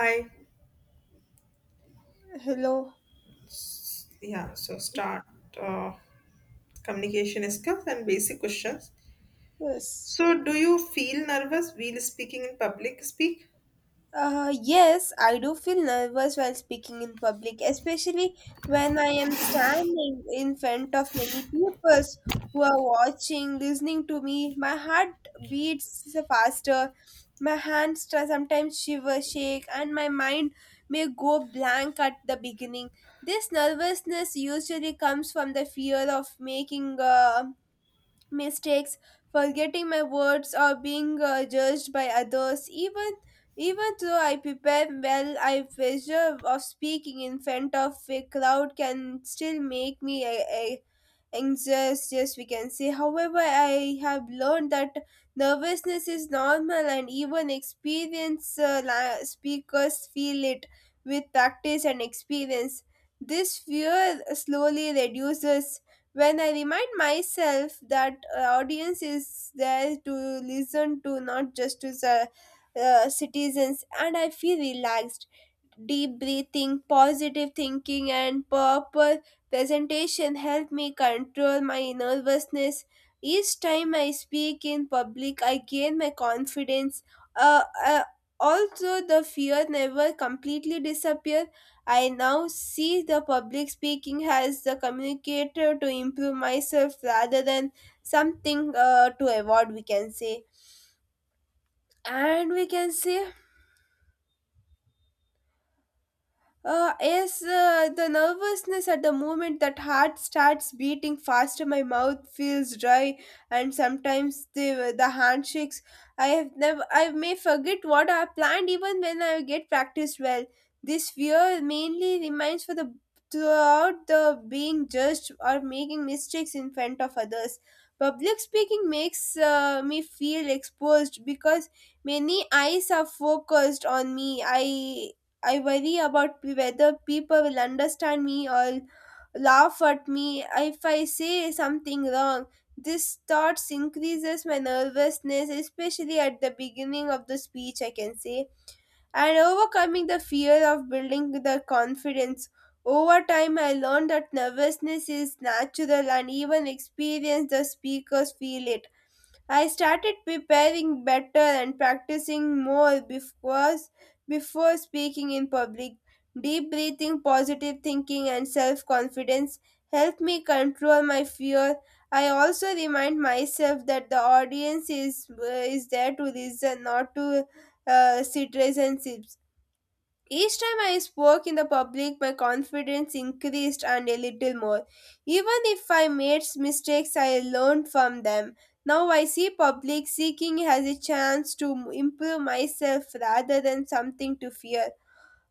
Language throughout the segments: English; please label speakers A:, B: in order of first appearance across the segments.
A: Hi.
B: Hello.
A: Yeah, so start uh, communication skills and basic questions.
B: Yes.
A: So, do you feel nervous while speaking in public speak?
B: Yes, I do feel nervous while speaking in public, especially when I am standing in front of many people who are watching, listening to me. My heart beats faster, my hands sometimes shiver, shake, and my mind may go blank at the beginning. This nervousness usually comes from the fear of making a mistakes, forgetting my words, or being judged by others. Even though I prepare well, I pressure of speaking in front of a crowd can still make me a anxious. Yes, we can say. However, I have learned that nervousness is normal, and even experienced speakers feel it with practice and experience. This fear slowly reduces when I remind myself that audience is there to listen to, not just to the citizens, and I feel relaxed deep breathing, positive thinking, and proper presentation help me control my nervousness. Each time I speak in public, I gain my confidence. Uh, uh, Also, the fear never completely disappear. I now see the public speaking as the communicator to improve myself rather than something to avoid, we can say. And we can say yes, the nervousness at the moment that heart starts beating faster, my mouth feels dry, and sometimes the handshakes. I have never, I may forget what I planned even when I get practiced well. This fear mainly remains for the throughout the being judged or making mistakes in front of others. Public speaking makes me feel exposed because many eyes are focused on me. I worry about whether people will understand me or laugh at me if I say something wrong. This thoughts increases my nervousness, especially at the beginning of the speech, I can say. And overcoming the fear of building the confidence. Over time, I learned that nervousness is natural and even experienced the speakers feel it. I started preparing better and practicing more before speaking in public. Deep breathing, positive thinking, and self confidence help me control my fear. I also remind myself that the audience is there to listen, not to sit resentments. Each time I spoke in the public, my confidence increased and a little more. Even if I made mistakes, I learned from them. Now I see public speaking as a chance to improve myself rather than something to fear.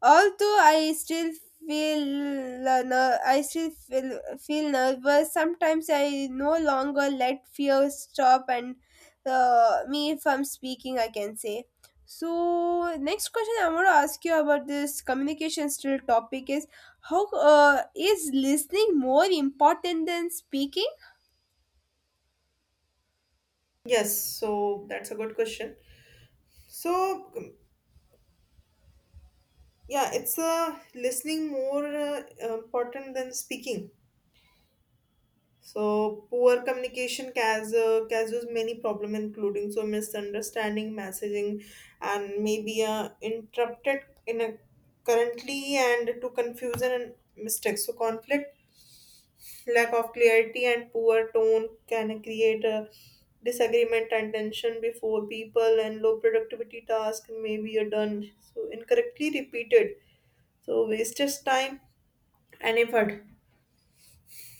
B: Although I still feel I still feel nervous. Sometimes I no longer let fear stop and me from speaking. I can say. So next question I want to ask you about this communication still topic is how is listening more important than speaking?
A: Yes, so that's a good question. So, yeah, it's listening more important than speaking. So, poor communication causes many problem, including so misunderstanding, messaging, and maybe interrupted in a currently and to confusion and mistakes. So, conflict. Lack of clarity and poor tone can create a disagreement and tension before people, and low productivity tasks may be done so incorrectly repeated. So wastes time and effort.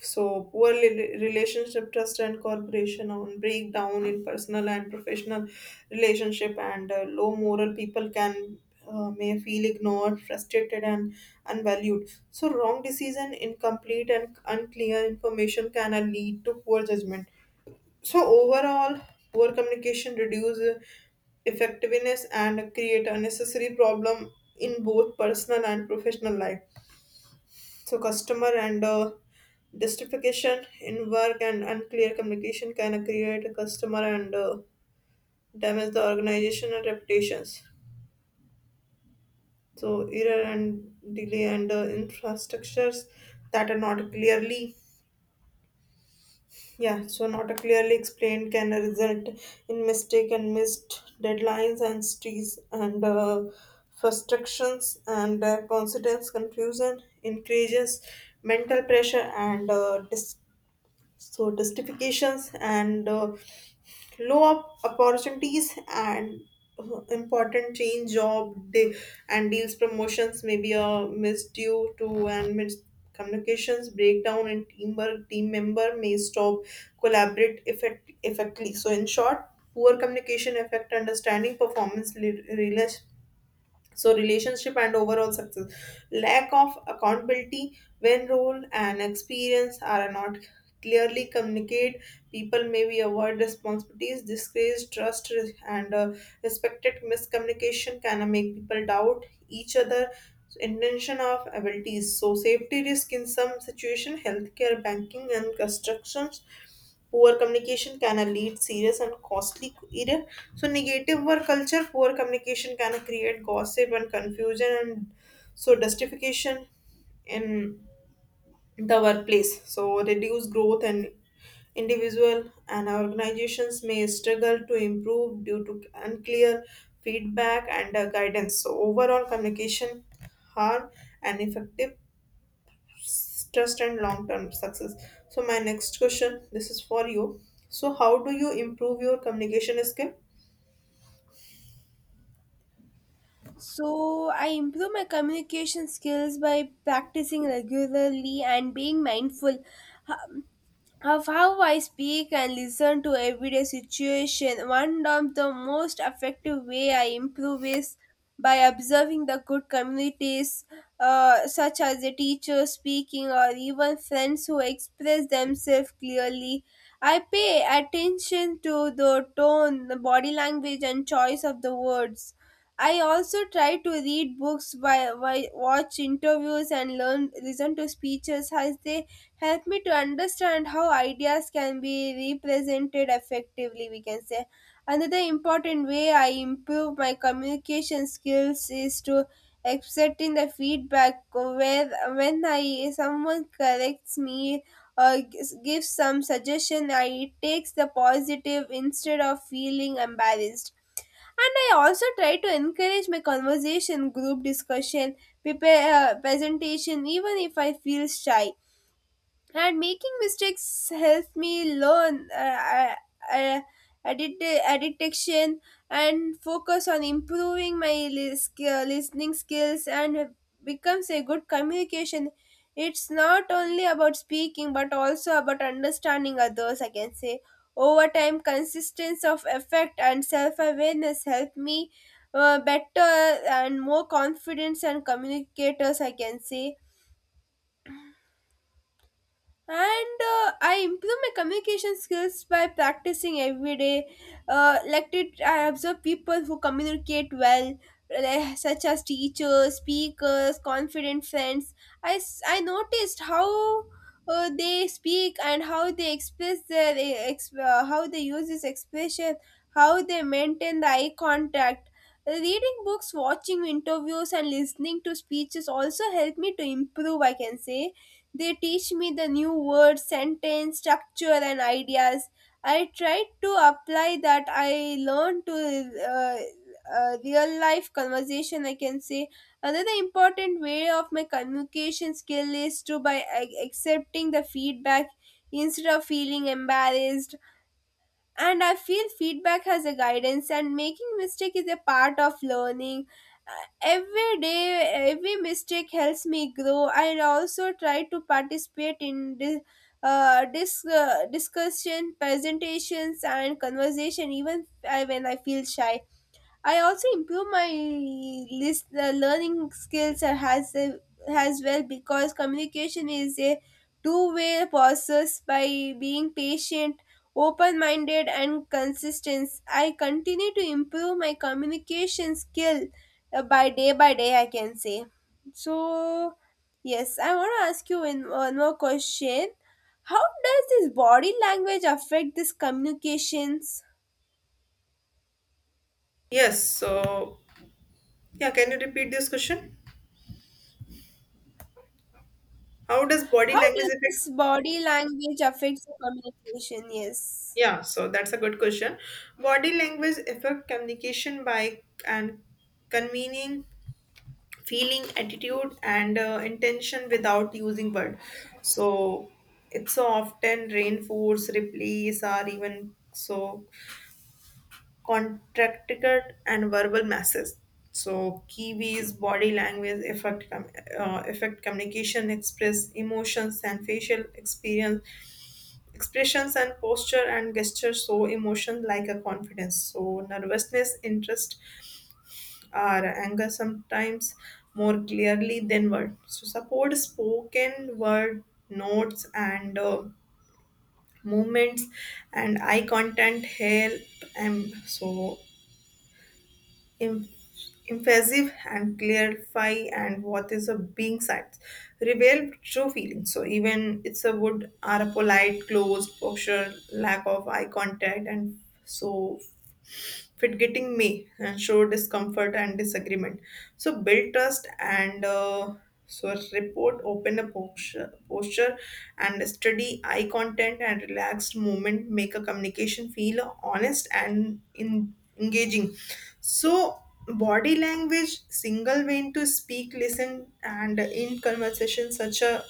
A: So, relationship trust and cooperation on breakdown in personal and professional relationship and low moral people can may feel ignored, frustrated, and unvalued. So, wrong decision, incomplete and unclear information can lead to poor judgment. So, overall, poor communication reduce effectiveness and create unnecessary problem in both personal and professional life, so customer and justification in work and unclear communication can create a customer and damage the organizational reputations. So error and delay and infrastructures that are not clearly, yeah so not clearly explained, can result in mistake and missed deadlines and stress and frustrations and consequence confusion increases mental pressure and so justifications and opportunities and important and deals promotions may be a missed due to and mis communications breakdown and teamwork team member may stop effectively, so in short poor communication affect understanding performance, so relationship and overall success, lack of accountability when role and experience are not clearly communicated, people may be avoid responsibilities disgrace trust and respected. Miscommunication can make people doubt each other intention of abilities, so safety risk in some situation healthcare banking and constructions. Poor communication can lead serious and costly career. So negative work culture, poor communication can create gossip and confusion and so justification in the workplace. So reduce growth and individual and organizations may struggle to improve due to unclear feedback and guidance. So overall communication harm and effective trust and long term success. So my next question, this is for you: so how do you improve your communication skill?
B: So I improve my communication skills by practicing regularly and being mindful of how I speak and listen to everyday situation, one of the most effective way I improve is by observing the good communities, such as the teacher speaking or even friends who express themselves clearly. I pay attention to the tone, the body language, and choice of the words. I also try to read books, by watch interviews, and learn listen to speeches as they help me to understand how ideas can be represented effectively we can say another important way I improve my communication skills is to accepting the feedback where when I someone corrects me or gives some suggestion I takes the positive instead of feeling embarrassed and I also try to encourage my conversation group discussion prepare presentation even if I feel shy and making mistakes helps me learn uh, addiction and focus on improving my listening skills and becomes a good communication it's not only about speaking but also about understanding others I can say over time consistency of effect and self-awareness help me better and more confidence and communicators I can say and I improve my communication skills by practicing every day I observe people who communicate well like, such as teachers speakers confident friends I noticed how they speak and how they express their how they use this expression how they maintain the eye contact reading books watching interviews and listening to speeches also help me to improve I can say they teach me the new words, sentence, structure, and ideas. I try to apply that I learned to real life conversation, I can say. Another important way of my communication skill is to by accepting the feedback instead of feeling embarrassed and I feel feedback has a guidance and making mistake is a part of learning Uh, every day every mistake helps me grow I also try to participate in dis- discussion presentations and conversation even when I feel shy I also improve my list learning skills as well because communication is a two-way process by being patient, open-minded, and consistent. I continue to improve my communication skill by day by day. I can say so. Yes, I want to ask you in one more question. How does this body language affect this communications?
A: Yes, so yeah, can you repeat this question? How does body
B: How
A: language
B: does
A: affect?
B: this body language affect the communication? Yes.
A: Yeah, so that's a good question. Body language affect communication by and convening feeling attitude and intention without using word, so it's often reinforce replace or even so contracted and verbal masses. So Kiwi's body language affect communication, express emotions and facial experience, expressions and posture and gesture show emotion like a confidence. So nervousness, interest, or anger sometimes more clearly than word. So support spoken word notes and movements and eye contact help, and so em- emphasis and clarify, and what is a being sides reveal true feelings, so even it's a wood are a polite closed posture lack of eye contact and so fit getting me and show discomfort and disagreement, so build trust and so report open a posture and steady eye contact and relaxed movement make a communication feel honest and engaging. So body language single way to speak listen and in conversation such a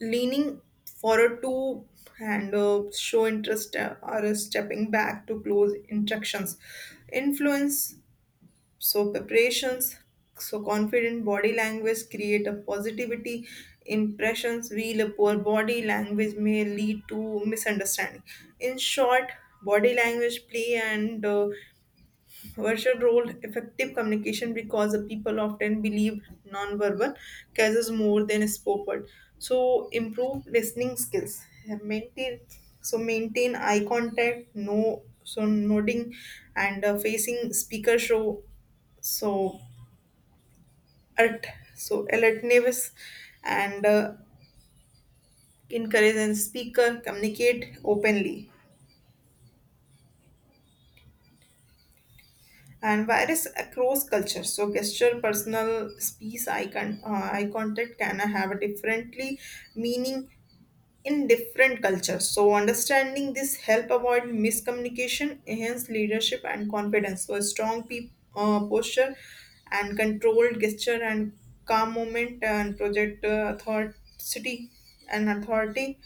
A: leaning forward to and show interest or stepping back to close instructions influence, so preparations, so confident body language create a positivity impressions while a poor body language may lead to misunderstanding. In short, body language play and virtual role effective communication because the people often believe nonverbal causes more than spoken. So improve listening skills. Maintain Maintain eye contact, no so nodding and facing speaker show so alert alertness and encourage and speaker communicate openly and virus across culture. So gesture, personal space, eye contact can have a differently meaning in different cultures. So understanding this help avoid miscommunication, enhance leadership and confidence. So a posture and controlled gesture and calm moment and project authority and authority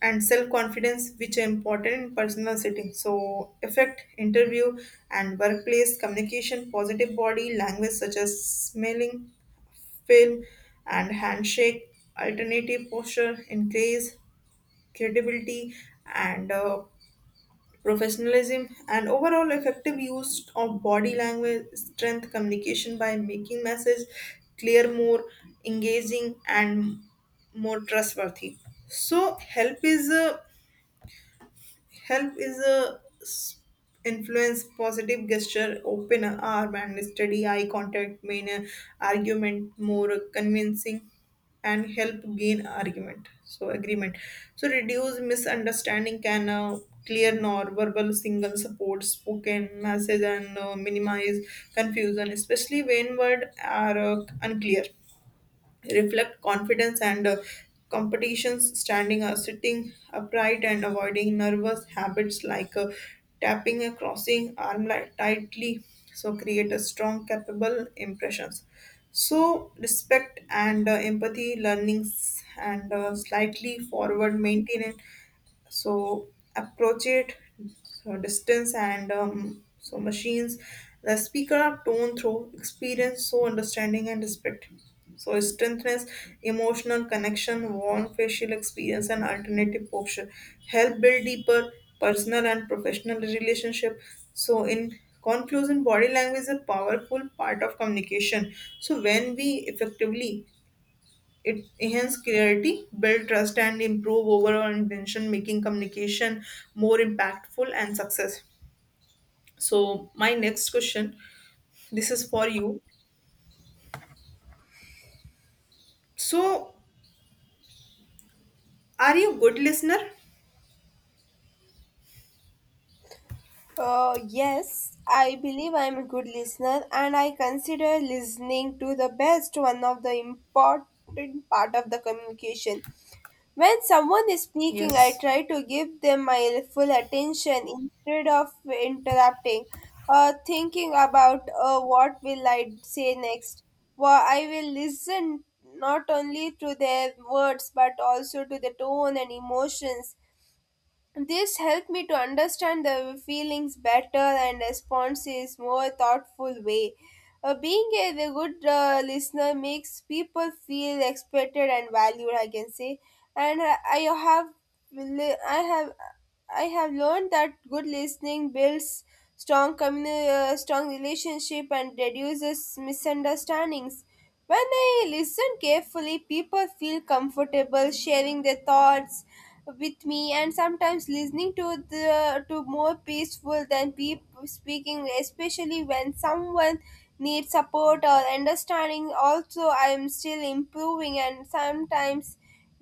A: and self-confidence which are important in personal setting. So effect, interview and workplace communication, positive body language such as smelling, film and handshake, alternative posture, increase credibility and professionalism, and overall effective use of body language strength communication by making message clear more engaging and more trustworthy. So help is Help is a s- influence, positive gesture, open arm, and steady eye contact, main argument more convincing, and help gain argument. So agreement. So reduce misunderstanding can clear non-verbal single support, spoken message, and minimize confusion, especially when words are unclear, reflect confidence and competitions standing or sitting upright and avoiding nervous habits like tapping and crossing arm like tightly, so create a strong capable impressions, so respect and empathy learnings and slightly forward maintenance, so approach it, so distance and so machines the speaker are tone through experience, so understanding and respect, so strengthness emotional connection warm facial experience and alternative posture help build deeper personal and professional relationship. So in conclusion, body language is a powerful part of communication, so when we effectively, it enhances clarity, build trust, and improve overall intention, making communication more impactful and success. So, my next question, this is for you. So, are you good listener?
B: Yes, I believe I'm a good listener and I consider listening to the best one of the important part of the communication. When someone is speaking, I
A: Yes.
B: try to give them my full attention instead of interrupting or thinking about what will I say next. Well, I will listen not only to their words but also to the tone and emotions this helped me to understand the feelings better and response is more thoughtful way. Being a the good listener makes people feel expected and valued. I can say, and le- I have, I have learned that good listening builds strong strong relationship and reduces misunderstandings. When I listen carefully, people feel comfortable sharing their thoughts with me, and sometimes listening to the to more peaceful than people speaking, especially when someone needs support or understanding. Also, I am still improving, and sometimes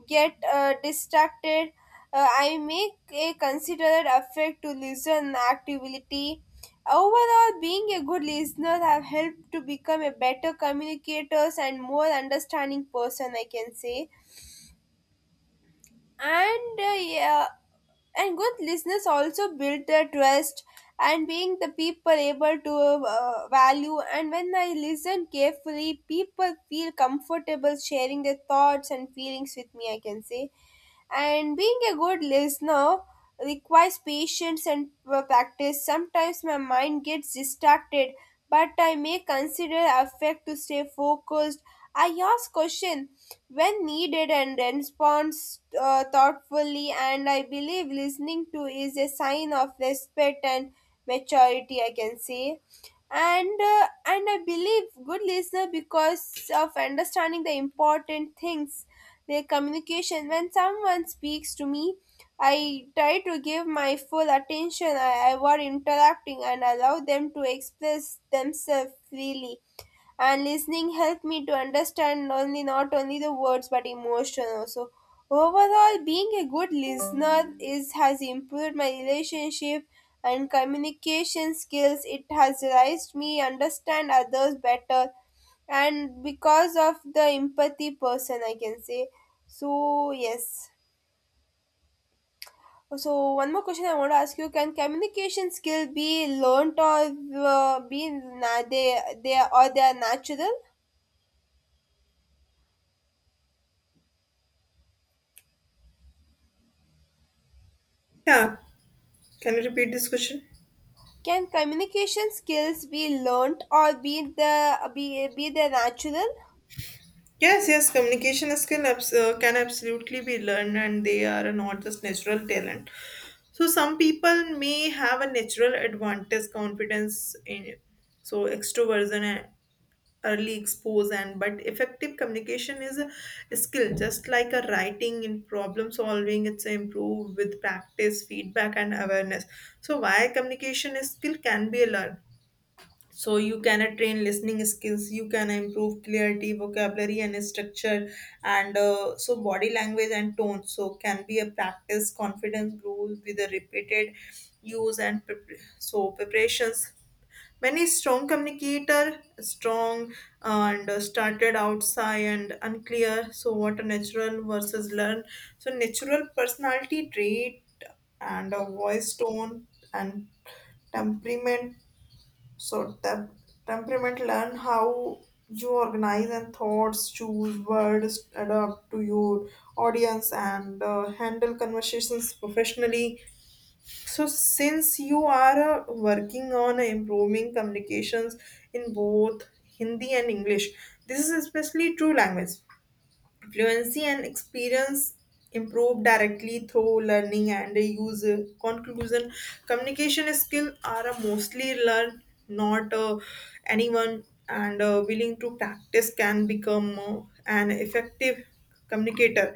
B: get distracted. I make a considerate effort to listen actively. Overall, being a good listener have helped to become a better communicators and more understanding person, I can say. And And good listeners also build their trust and being the people able to value. And when I listen carefully, people feel comfortable sharing their thoughts and feelings with me, I can say. And being a good listener requires patience and practice. Sometimes my mind gets distracted, but I may consider effect to stay focused. I ask questions when needed and respond thoughtfully, and I believe listening to is a sign of respect and maturity, I can say and and I believe good listener because of understanding the important things their communication when someone speaks to me I try to give my full attention I avoid interrupting and allow them to express themselves freely and listening helped me to understand only not only the words but emotion also overall being a good listener is has improved my relationship and communication skills it has raised me understand others better and because of the empathy person I can say so yes so one more question I want to ask you can communication skill be learned or be na- they or they are natural.
A: Yeah. Can you repeat this question?
B: Can communication skills be learnt or be the natural?
A: Yes, yes. Communication skill can absolutely be learned, and they are not just natural talent. So some people may have a natural advantage, confidence in so extroversion early expose, and but effective communication is a skill just like a writing in problem solving, it's improved with practice feedback and awareness. So why communication is skill can be learned, so you can train listening skills, you can improve clarity vocabulary and structure and so body language and tone so can be a practice. Confidence grows with the repeated use and so preparations when a strong communicator strong and started outside and unclear, so what a natural versus learn, so natural personality trait and a voice tone and temperament, so temperament learn how you organize and thoughts choose words adapt to your audience and handle conversations professionally. So, since you are working on improving communications in both Hindi and English, this is especially true language. Fluency and experience improve directly through learning and use. Conclusion: communication skills are mostly learned, not anyone, and willing to practice can become an effective communicator.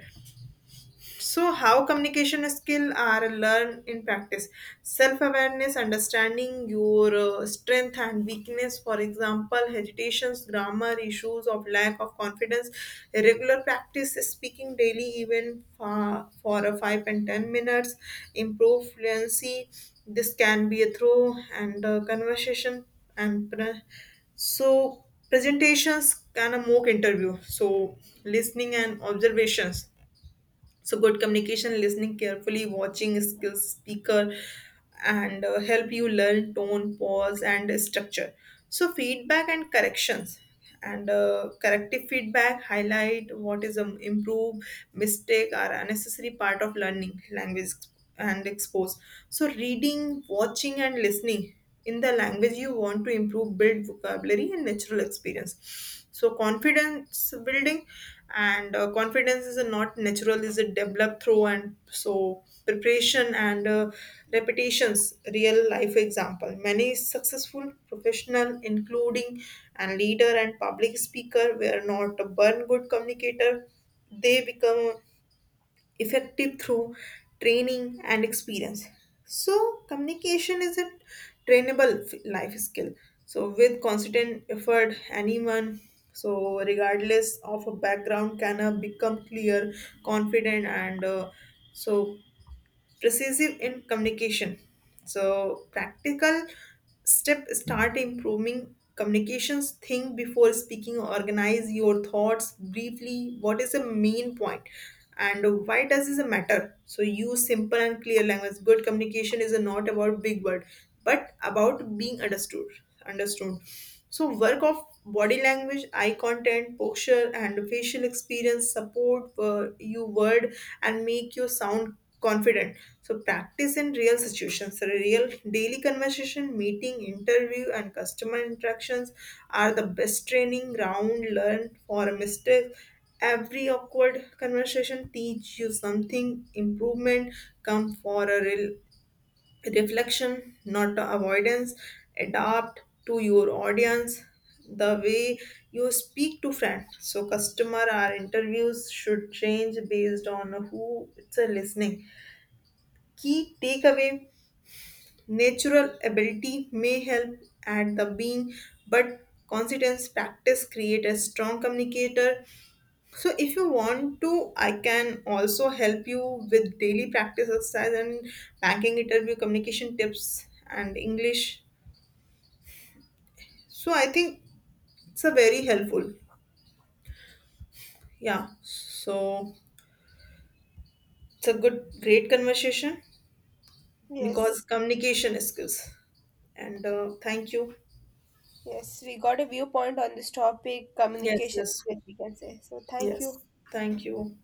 A: So, how communication skill are learned in practice? Self awareness, understanding your strength and weakness. For example, hesitations, grammar issues of lack of confidence. Regular practice speaking daily, even for a 5 and 10 minutes. Improve fluency. This can be a through and conversation and so presentations kind of mock interview. So listening and observations, so good communication listening carefully watching skills speaker and help you learn tone pause and structure, so feedback and corrections and corrective feedback highlight what is improve. Mistake are unnecessary part of learning language and expose, so reading watching and listening in the language you want to improve build vocabulary and natural experience, so confidence building and confidence is a not natural is a developed through and so preparation and repetitions real life example many successful professional including and leader and public speaker were not a born good communicator, they become effective through training and experience. So, communication is a life skill. So, with constant effort, anyone, so regardless of a background, can become clear, confident, and so precisive in communication. So practical step start improving communications. Think before speaking. Organize your thoughts briefly. What is the main point and why does this matter? So use simple and clear language. Good communication is not about big word but about being understood, so work of body language eye content posture and facial experience support you word and make you sound confident, so practice in real situations. So, real daily conversation meeting interview and customer interactions are the best training ground, learn for a mistake, every awkward conversation teach you something improvement come for a real reflection, not the avoidance. Adapt to your audience, the way you speak to friends. So, customer or interviews should change based on who it's a listening. Key takeaway: natural ability may help at the being, but consistent practice create a strong communicator. So if you want to, I can also help you with daily practice exercise and banking interview communication tips and English. So I think it's a very helpful. Yeah. So it's a good great conversation because
B: Yes,
A: communication skills. And thank you.
B: yes, we got a viewpoint on this topic,
A: Yes,
B: communication
A: yes.
B: skills, we can say. So thank
A: Yes.
B: you.
A: Thank you.